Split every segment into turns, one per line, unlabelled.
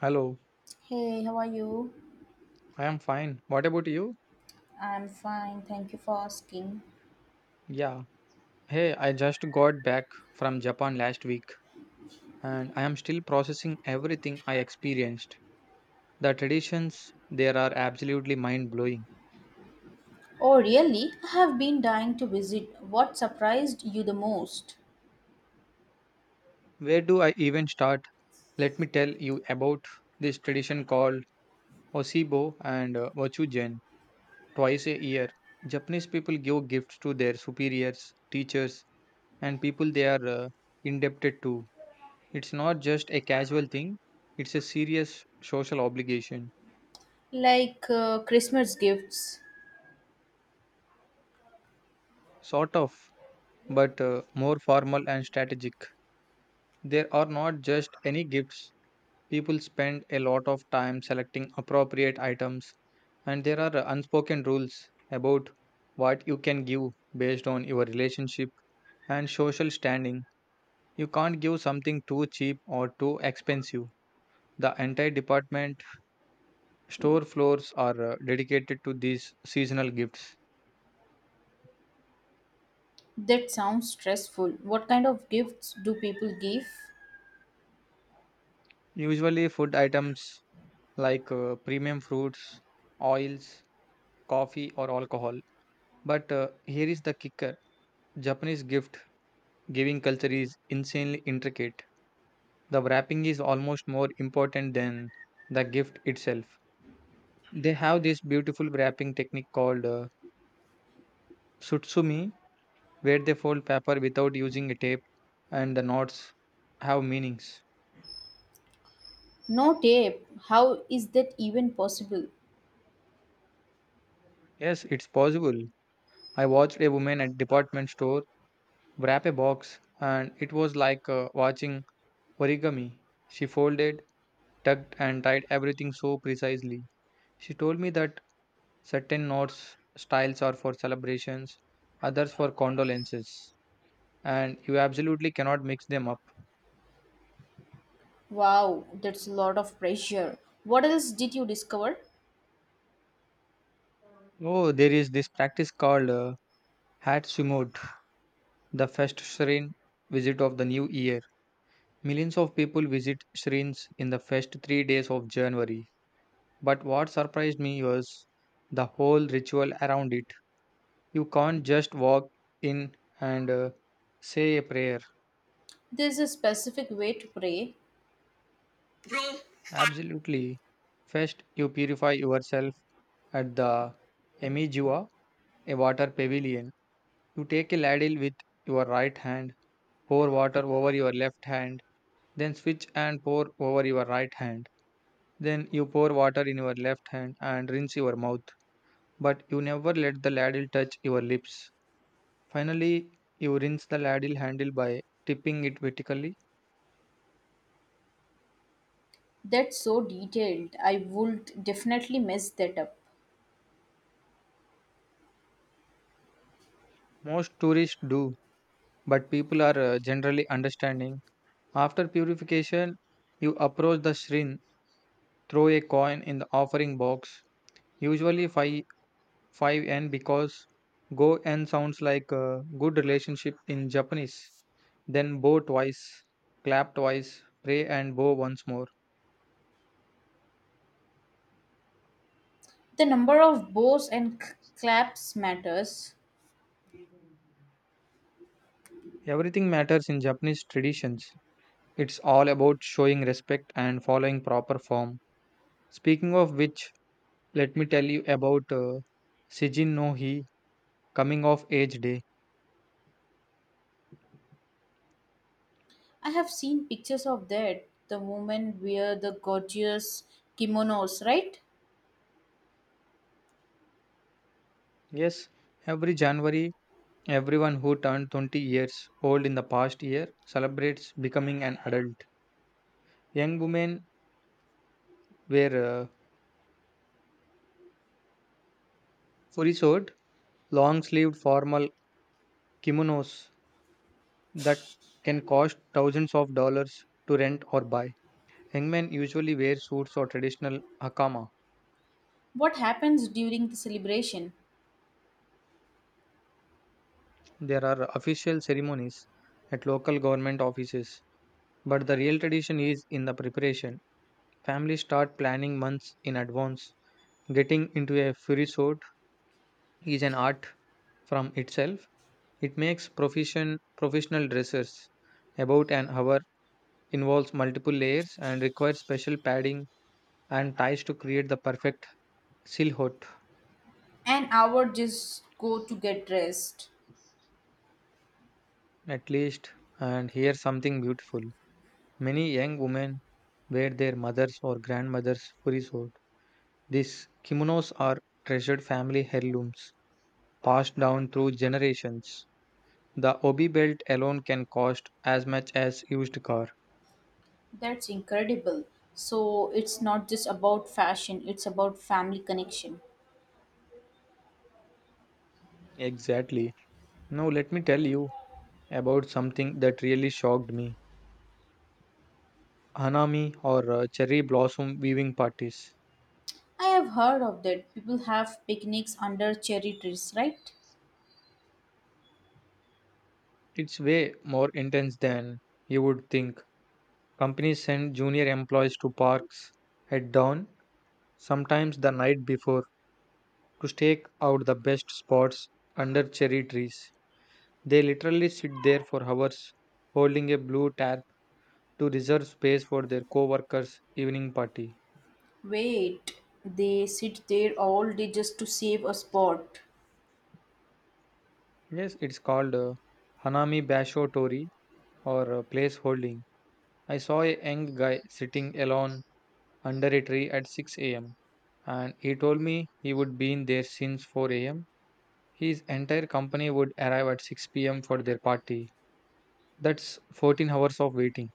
Hello,
Hey, how are you?
I am fine. What about you?
I'm fine, thank you for asking.
Yeah. Hey, I just got back from Japan last week and I am still processing everything I experienced. The traditions there are absolutely mind blowing.
Oh, really? I have been dying to visit. What surprised you the most?
Where do I even start? Let me tell you about this tradition called Osibo and Wachujen twice a year. Japanese people give gifts to their superiors, teachers, and people they are indebted to. It's not just a casual thing, it's a serious social obligation.
Like Christmas gifts.
Sort of, but more formal and strategic. There are not just any gifts, people spend a lot of time selecting appropriate items, and there are unspoken rules about what you can give based on your relationship and social standing. You can't give something too cheap or too expensive. The entire department store floors are dedicated to these seasonal gifts.
That sounds stressful. What kind of gifts do people give?
Usually, food items like premium fruits, oils, coffee, or alcohol. But here is the kicker. Japanese gift giving culture is insanely intricate. The wrapping is almost more important than the gift itself. They have this beautiful wrapping technique called sutsumi, where they fold paper without using a tape, and the knots have meanings.
No tape. How is that even possible?
Yes, it's possible. I watched a woman at department store wrap a box, and it was like watching origami. She folded, tucked, and tied everything so precisely. She told me that certain knots styles are for celebrations, others for condolences, and you absolutely cannot mix them up.
Wow, that's a lot of pressure. What else did you discover?
Oh, there is this practice called Hatsumot, the first Shrine visit of the new year. Millions of people visit Shrines in the first 3 days of January. But what surprised me was the whole ritual around it. You can't just walk in and say a prayer.
There's a specific way to pray.
Absolutely. First, you purify yourself at the Emijua, a water pavilion. You take a ladle with your right hand, pour water over your left hand, then switch and pour over your right hand. Then you pour water in your left hand and rinse your mouth, but you never let the ladle touch your lips. Finally, you rinse the ladle handle by tipping it vertically.
That's so detailed. I would definitely mess that up.
Most tourists do, but people are generally understanding. After purification, you approach the shrine, throw a coin in the offering box, usually 5 5n, because go n sounds like a good relationship in Japanese. Then bow twice, clap twice, pray and bow once more.
The number of bows and claps matters.
Everything matters in Japanese traditions. It's all about showing respect and following proper form. Speaking of which, let me tell you about Seijin no Hi, coming of age day.
I have seen pictures of that. The women wear the gorgeous kimonos, right?
Yes, every January, everyone who turned 20 years old in the past year celebrates becoming an adult. Young women wear furisuit, long-sleeved formal kimonos that can cost thousands of dollars to rent or buy. Young men usually wear suits or traditional hakama.
What happens during the celebration?
There are official ceremonies at local government offices, but the real tradition is in the preparation. Families start planning months in advance, getting into a furisuit is an art from itself. It makes proficient professional dressers. About an hour involves multiple layers and requires special padding and ties to create the perfect silhouette.
An hour just go to get dressed.
At least, and here's something beautiful. Many young women wear their mothers or grandmothers' furisuit. These kimonos are treasured family heirlooms passed down through generations. The obi belt alone can cost as much as used car.
That's incredible. So it's not just about fashion, it's about family connection.
Exactly. Now let me tell you about something that really shocked me: Hanami, or cherry blossom weaving parties.
I have heard of that. People have picnics under cherry trees, right?
It's way more intense than you would think. Companies send junior employees to parks at dawn, sometimes the night before, to stake out the best spots under cherry trees. They literally sit there for hours, holding a blue tarp to reserve space for their co workers' evening party.
Wait, they sit there all day just to save a spot.
Yes, it's called Hanami Basho Tori, or placeholding. I saw a young guy sitting alone under a tree at 6 a.m. and he told me he would be in there since 4 a.m. His entire company would arrive at 6 p.m. for their party. That's 14 hours of waiting.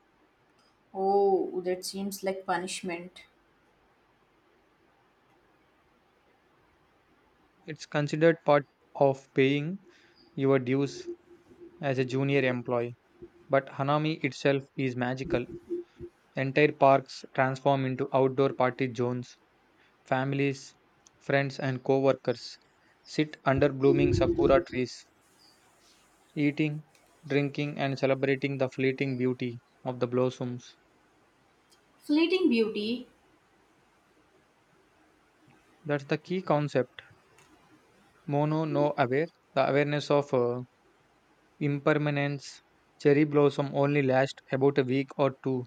Oh, that seems like punishment.
It's considered part of paying your dues as a junior employee. But Hanami itself is magical. Entire parks transform into outdoor party zones. Families, friends, and co workers sit under blooming sakura trees, eating, drinking, and celebrating the fleeting beauty of the blossoms.
Fleeting beauty.
That's the key concept. Mono no aware, the awareness of impermanence. Cherry blossom only last about a week or two.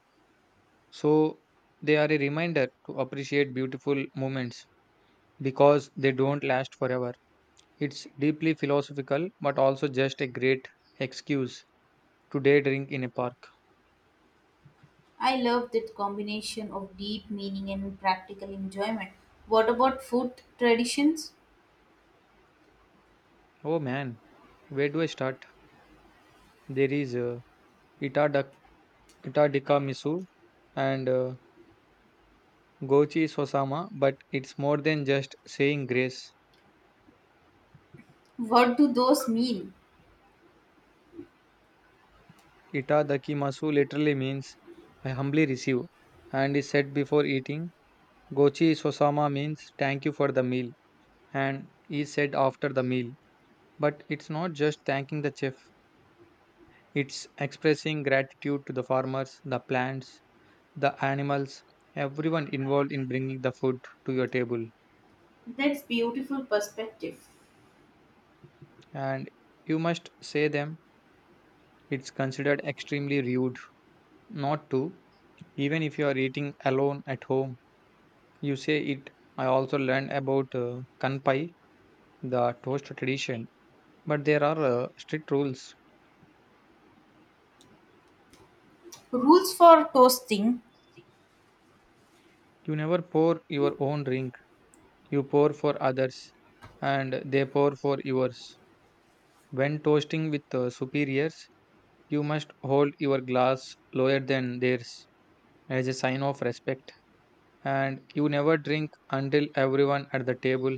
So they are a reminder to appreciate beautiful moments because they don't last forever. It's deeply philosophical but also just a great excuse to day drink in a park.
I love that combination of deep meaning and practical enjoyment. What about food traditions?
Oh man, where do I start? There is Itadak Kitadika Misu and Gochi Sosama, but it's more than just saying grace.
What do those mean?
Itadakimasu literally means I humbly receive and is said before eating. Gochi Sosama means thank you for the meal and is said after the meal. But it's not just thanking the chef, it's expressing gratitude to the farmers, the plants, the animals, everyone involved in bringing the food to your table.
That's beautiful perspective.
And you must say them, it's considered extremely rude not to. Even if you are eating alone at home, you say it. I also learned about kanpai, the toast tradition, but there are strict rules.
Rules for toasting.
You never pour your own drink, you pour for others, and they pour for yours. When toasting with superiors, you must hold your glass lower than theirs as a sign of respect, and you never drink until everyone at the table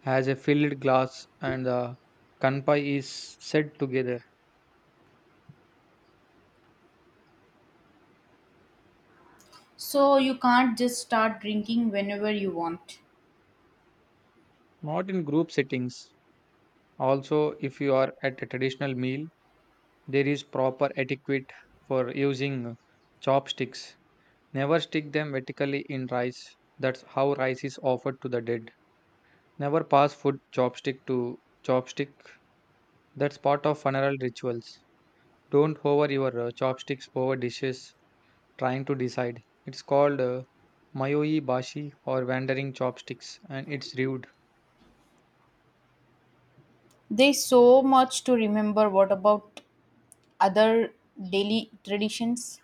has a filled glass and the kanpai is said together,
So you can't just start drinking whenever you want.
not in group settings. Also, if you are at a traditional meal, there is proper etiquette for using chopsticks. Never stick them vertically in rice. That's how rice is offered to the dead. Never pass food chopstick to chopstick. That's part of funeral rituals. Don't hover your chopsticks over dishes trying to decide. It's called Mayoi Bashi, or Wandering Chopsticks, and it's rude.
There's so much to remember. What about other daily traditions?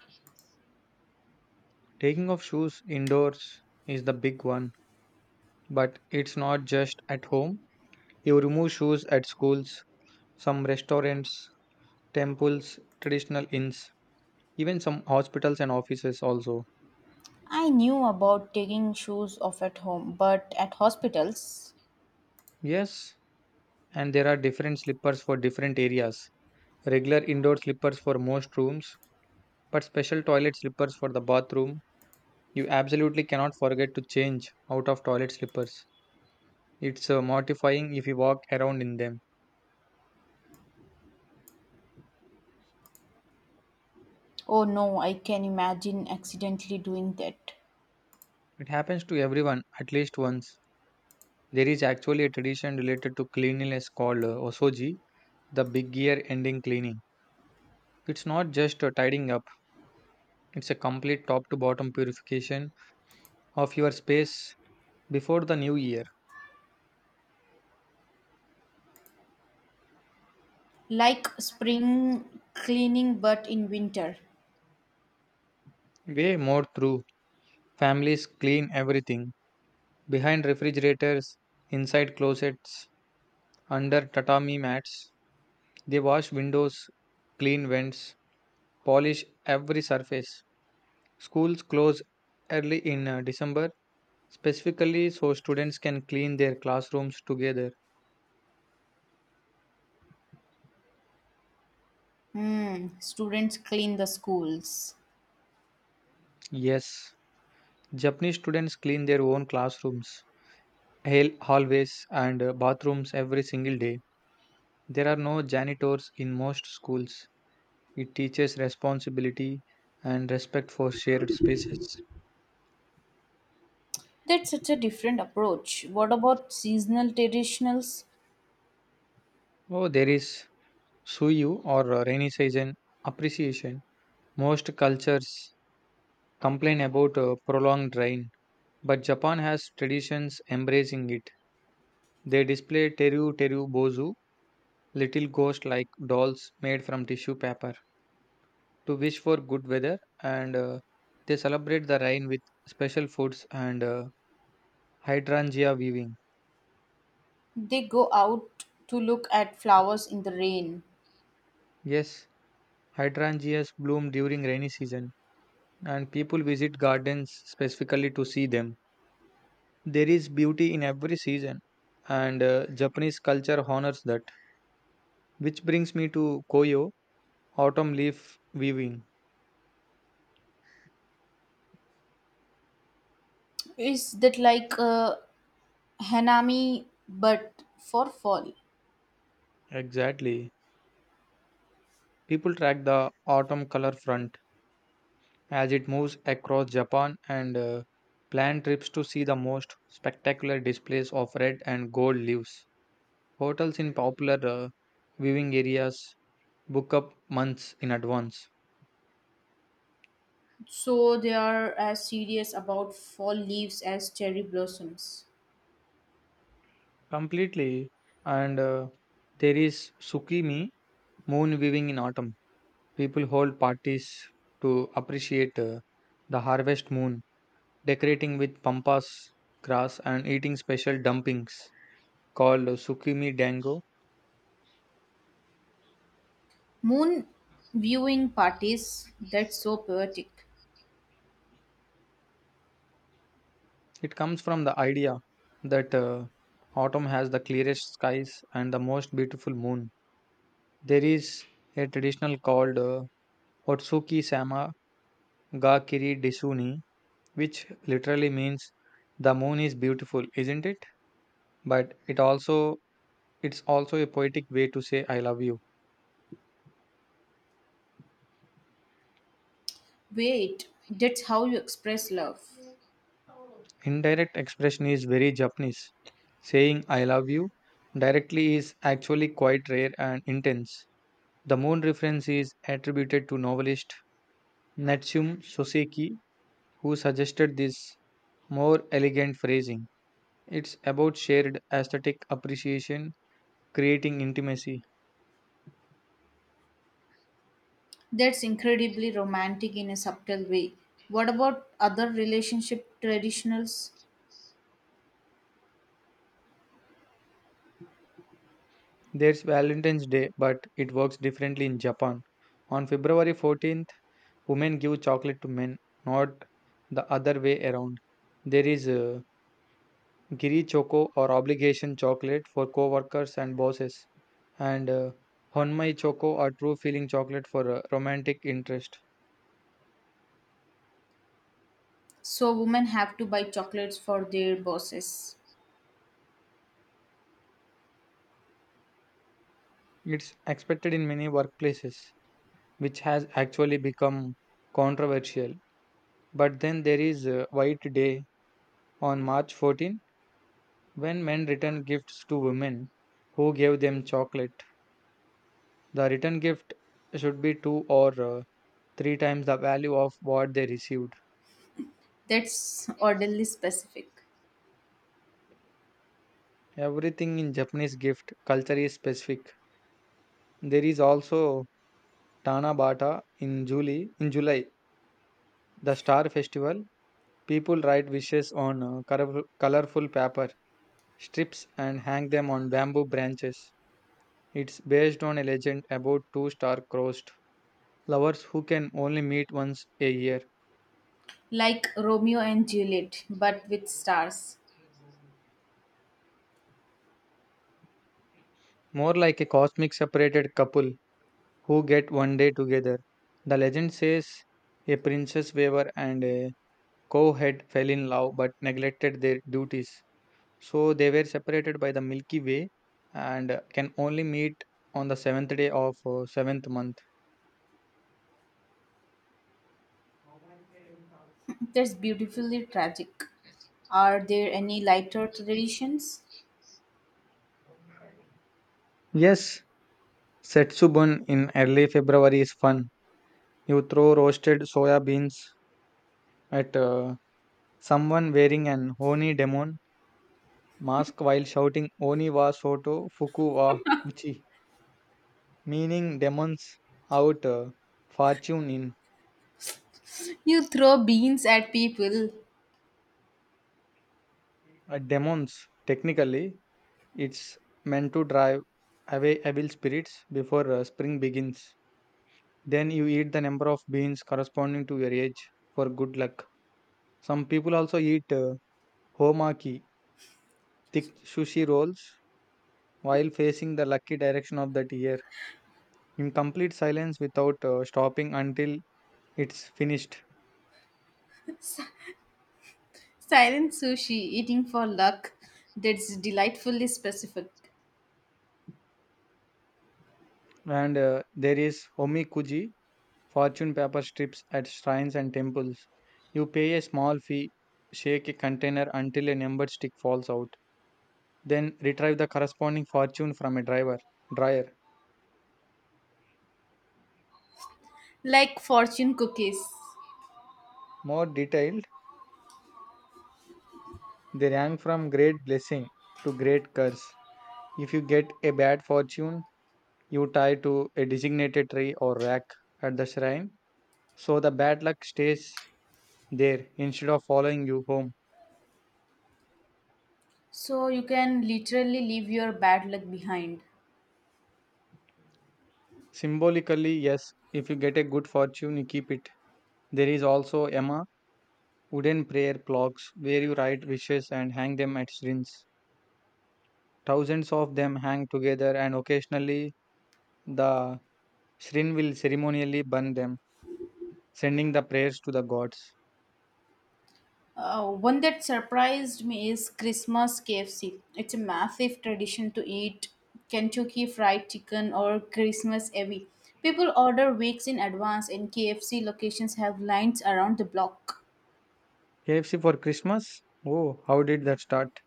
Taking off shoes indoors is the big one, but it's not just at home. You remove shoes at schools, some restaurants, temples, traditional inns, even some hospitals and offices also.
I knew about taking shoes off at home, but at hospitals?
Yes, and there are different slippers for different areas. Regular indoor slippers for most rooms, but special toilet slippers for the bathroom. You absolutely cannot forget to change out of toilet slippers. It's mortifying if you walk around in them.
Oh no, I can imagine accidentally doing that.
It happens to everyone at least once. There is actually a tradition related to cleanliness called osoji, the big year ending cleaning. It's not just tidying up, it's a complete top to bottom purification of your space before the new year.
Like spring cleaning, but in winter.
Way more true. Families clean everything behind refrigerators, inside closets, under tatami mats. They wash windows, clean vents, polish every surface. Schools close early in December, specifically so students can clean their classrooms together.
Hmm, students clean the schools.
Yes, Japanese students clean their own classrooms, hallways, and bathrooms every single day. There are no janitors in most schools. It teaches responsibility and respect for shared spaces.
That's such a different approach. What about seasonal traditionals?
Oh, there is suyu, or rainy season appreciation. Most cultures complain about prolonged rain, but Japan has traditions embracing it. They display teru teru bozu, little ghost-like dolls made from tissue paper, to wish for good weather, and they celebrate the rain with special foods and hydrangea weaving.
They go out to look at flowers in the rain.
Yes, hydrangeas bloom during rainy season, and people visit gardens specifically to see them. There is beauty in every season, and Japanese culture honors that. Which brings me to Koyo, autumn leaf weaving.
Is that like Hanami, but for fall?
Exactly. People track the autumn color front as it moves across Japan and plan trips to see the most spectacular displays of red and gold leaves. Hotels in popular viewing areas book up months in advance.
So they are as serious about fall leaves as cherry blossoms.
Completely. And there is Tsukimi, moon viewing in autumn. People hold parties to appreciate the harvest moon, decorating with pampas grass and eating special dumplings called sukimi dango.
Moon viewing parties, that's so poetic.
It comes from the idea that autumn has the clearest skies and the most beautiful moon. There is a traditional called Otsuki Sama ga kiri Disuni, which literally means the moon is beautiful, isn't it? But it also it's also a poetic way to say I love you.
Wait, that's how you express love.
Indirect expression is very Japanese. Saying I love you directly is actually quite rare and intense. The moon reference is attributed to novelist Natsume Soseki, who suggested this more elegant phrasing. It's about shared aesthetic appreciation, creating intimacy.
That's incredibly romantic in a subtle way. What about other relationship traditionals?
There's Valentine's Day, but it works differently in Japan. On February 14th, women give chocolate to men, not the other way around. There is Giri Choco, or obligation chocolate for co-workers and bosses, and Honmai Choco, or true feeling chocolate for romantic interest.
So women have to buy chocolates for their bosses.
It's expected in many workplaces, which has actually become controversial. But then there is White Day on March 14, when men return gifts to women who gave them chocolate. The return gift should be two or three times the value of what they received.
That's orderly specific.
Everything in Japanese gift culture is specific. There is also Tana Bata in July. In July, the Star Festival. People write wishes on colorful paper strips and hang them on bamboo branches. It's based on a legend about two star-crossed lovers who can only meet once a year.
Like Romeo and Juliet, but with stars.
More like a cosmic separated couple who get one day together. The legend says a princess weaver and a cowhead fell in love but neglected their duties. So they were separated by the Milky Way and can only meet on the seventh day of seventh month.
That's beautifully tragic. Are there any lighter traditions?
Yes, Setsubun in early February is fun. You throw roasted soya beans at someone wearing an Oni demon mask while shouting Oni wa soto fuku wa uchi, meaning demons out, fortune in.
You throw beans at people.
Demons, technically, it's meant to drive away evil spirits before spring begins. Then you eat the number of beans corresponding to your age for good luck. Some people also eat homaki, thick sushi rolls, while facing the lucky direction of that year in complete silence without stopping until it's finished.
Silent sushi eating for luck, that's delightfully specific,
And there is homikuji, fortune paper strips at shrines and temples. You pay a small fee, shake a container until a numbered stick falls out, then retrieve the corresponding fortune from a driver dryer.
like fortune cookies.
More detailed, they rank from great blessing to great curse. If you get a bad fortune, you tie to a designated tree or rack at the shrine, so the bad luck stays there instead of following you home.
So you can literally leave your bad luck behind.
Symbolically, yes, if you get a good fortune, you keep it. There is also Emma wooden prayer clocks where you write wishes and hang them at shrines. Thousands of them hang together, and occasionally the Shrin will ceremonially burn them, sending the prayers to the gods.
One that surprised me is Christmas KFC. It's a massive tradition to eat Kentucky Fried Chicken or Christmas Evie. People order weeks in advance, and KFC locations have lines around the block.
KFC for Christmas? Oh, how did that start?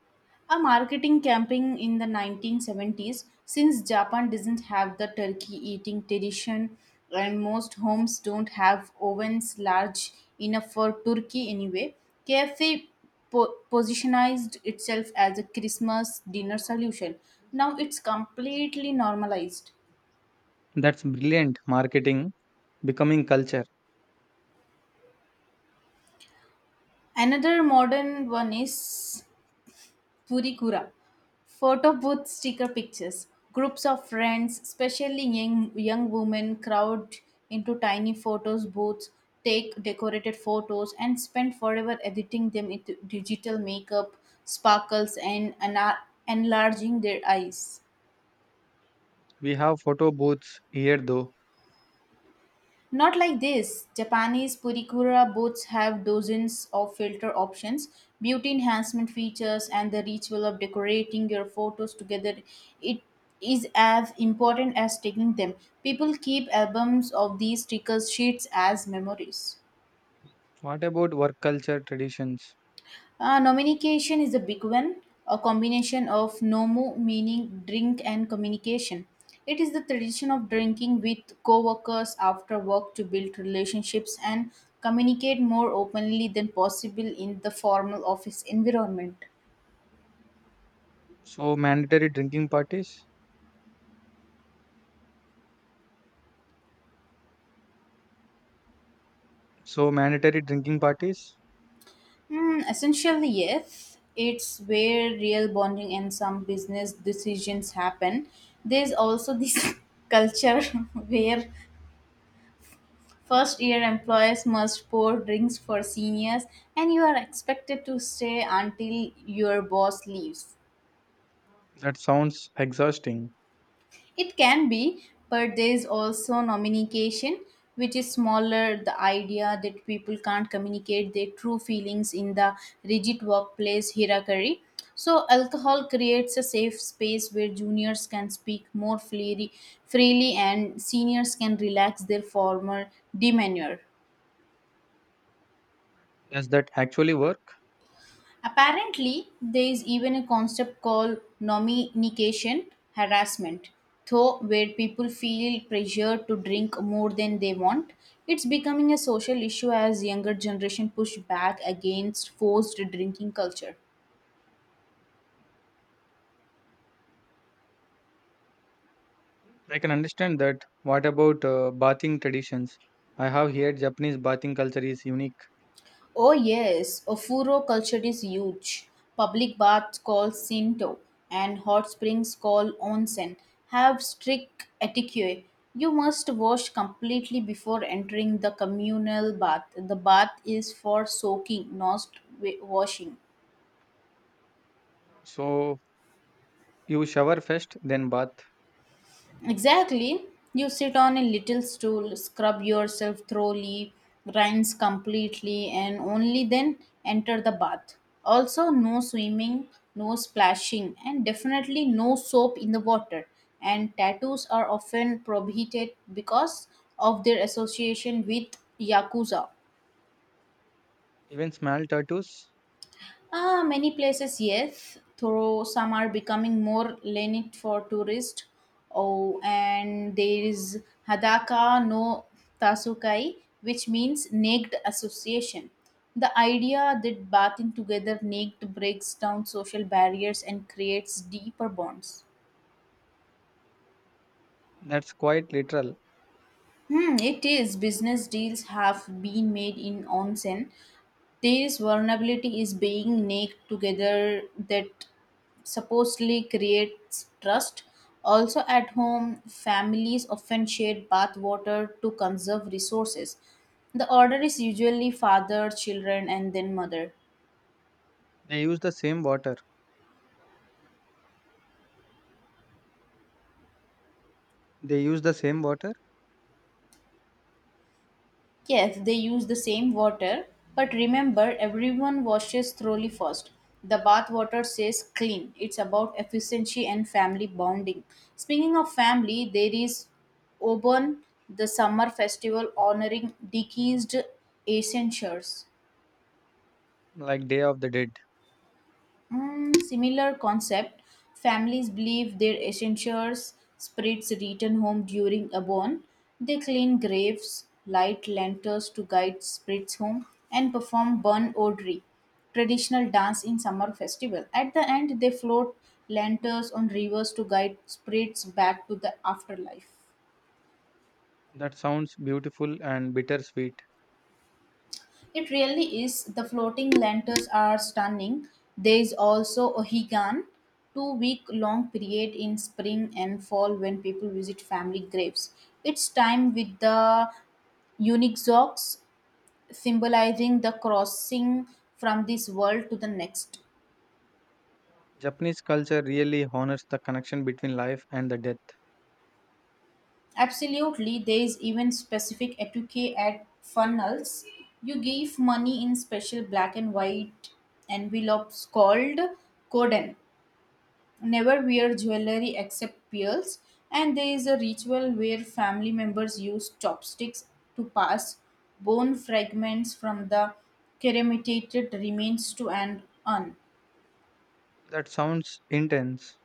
A marketing campaign in the 1970s, since Japan doesn't have the turkey eating tradition and most homes don't have ovens large enough for turkey anyway, KFC positionized itself as a Christmas dinner solution. Now it's completely normalized.
That's brilliant marketing, becoming culture.
Another modern one is Purikura. Photo booth sticker pictures. Groups of friends, especially young women, crowd into tiny photos booths, take decorated photos, and spend forever editing them with digital makeup, sparkles, and enlarging their eyes.
We have photo booths here though.
Not like this. Japanese Purikura boats have dozens of filter options, beauty enhancement features, and the ritual of decorating your photos together. It is as important as taking them. People keep albums of these stickers sheets as memories.
What about work culture traditions?
Nominication is a big one, a combination of nomu, meaning drink, and communication. It is the tradition of drinking with co-workers after work to build relationships and communicate more openly than possible in the formal office environment.
So, mandatory drinking parties? So, mandatory drinking parties?
Hmm, essentially, yes. It's where real bonding and some business decisions happen. There's also this culture where first year employees must pour drinks for seniors, and you are expected to stay until your boss leaves.
That sounds exhausting.
It can be, but there is also nomination, which is smaller, the idea that people can't communicate their true feelings in the rigid workplace hierarchy. So, alcohol creates a safe space where juniors can speak more freely and seniors can relax their former demeanor.
Does that actually work?
Apparently, there is even a concept called nominication harassment, though, where people feel pressured to drink more than they want. It's becoming a social issue as younger generation push back against forced drinking culture.
I can understand that. What about bathing traditions? I have heard Japanese bathing culture is unique.
Oh yes, Ofuro culture is huge. Public baths called Shinto and hot springs called Onsen have strict etiquette. You must wash completely before entering the communal bath. The bath is for soaking, not washing.
So, you shower first, then bath.
Exactly. You sit on a little stool, scrub yourself thoroughly, rinse completely, and only then enter the bath. Also, no swimming, no splashing, and definitely no soap in the water. And tattoos are often prohibited because of their association with Yakuza.
Even small tattoos,
Ah, many places, yes, though some are becoming more lenient for tourists. Oh, and there is Hadaka no Tasukai, which means naked association. The idea that bathing together naked breaks down social barriers and creates deeper bonds.
that's quite literal.
Hmm, it is. Business deals have been made in onsen. This vulnerability is being naked together that supposedly creates trust. Also, at home, families often share bath water to conserve resources. The order is usually father, children, and then mother.
They use the same water. They use the same water
Yes, they use the same water, but remember everyone washes thoroughly first. The bath water says clean. It's about efficiency and family bonding. Speaking of family, there is Obon, the summer festival honoring deceased ancestors.
like Day of the Dead.
Mm, similar concept. Families believe their essentials spirits return home during a born. They clean graves, light lanterns to guide spirits home, and perform burn odri, traditional dance in summer festival. At the end, they float lanterns on rivers to guide spirits back to the afterlife.
That sounds beautiful and bittersweet.
It really is. The floating lanterns are stunning. There is also Ohigan, 2-week long period in spring and fall when people visit family graves. It's time with the Unixox, symbolizing the crossing from this world to the next.
Japanese culture really honors the connection between life and the death.
Absolutely, there is even specific etiquette at funnels. You give money in special black and white envelopes called koden. Never wear jewelry except pearls, and there is a ritual where family members use chopsticks to pass bone fragments from the cremated remains to an urn.
That sounds intense.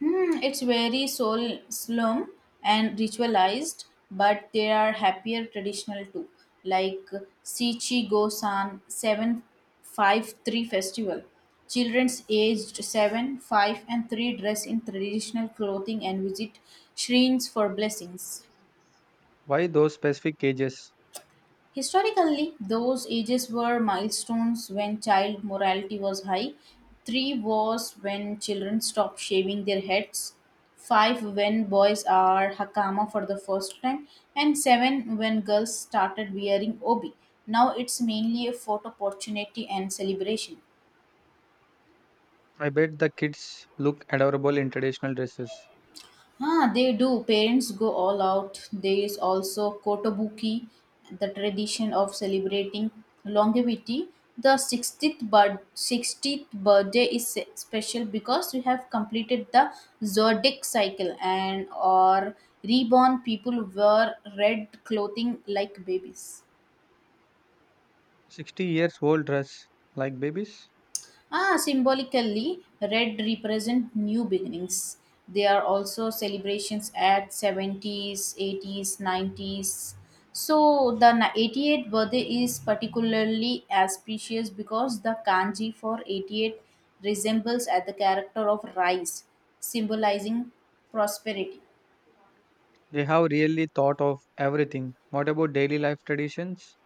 Hmm, it's very soul slum and ritualized, but there are happier traditional too, like Sichi Gosan 753 festival. Children's aged 7, 5, and 3 dress in traditional clothing and visit shrines for blessings.
Why those specific cages?
Historically, those ages were milestones when child morality was high. Three was when children stopped shaving their heads. Five when boys are hakama for the first time, and seven when girls started wearing obi. Now it's mainly a photo opportunity and celebration.
I bet the kids look adorable in traditional dresses.
Ah, they do. Parents go all out. There is also Kotobuki, the tradition of celebrating longevity. The 60th, 60th birthday is special because we have completed the zodiac cycle and or reborn people wear red clothing like babies.
60 years old dress like babies.
Ah, symbolically, red represent new beginnings. They are also celebrations at 70s, 80s, 90s. So the 88th birthday is particularly auspicious because the kanji for 88 resembles at the character of rice, symbolizing prosperity.
They have really thought of everything. What about daily life traditions?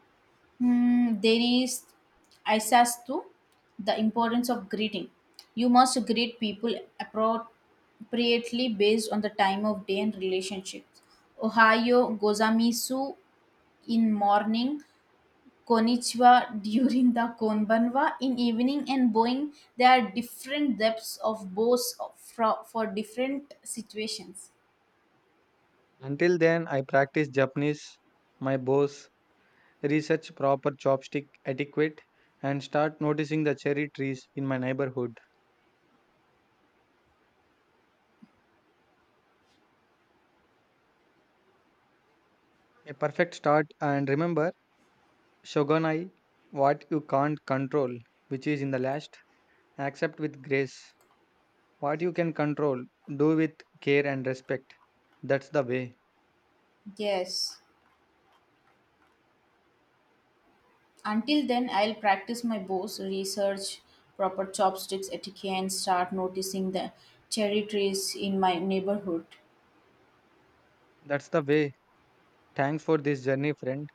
Hmm, there is Isas too, the importance of greeting. You must greet people appropriately based on the time of day and relationship. Ohio gozamisu in morning, konnichiwa during the konbanwa in evening, and boing. There are different depths of both for different situations.
Until then, I practice Japanese my boss research proper chopstick etiquette, and start noticing the cherry trees in my neighborhood. A perfect start, and remember, Shogunai, what you can't control, which is in the last, accept with grace. What you can control, do with care and respect. That's the way.
Yes. Until then, I'll practice my bows, research proper chopsticks etiquette, and start noticing the cherry trees in my neighborhood.
That's the way. Thanks for this journey, friend.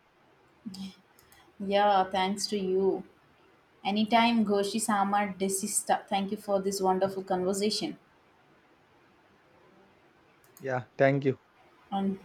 Yeah, thanks to you. Anytime, Goshi Sama Desista. Thank you for this wonderful conversation.
Yeah, thank you.
And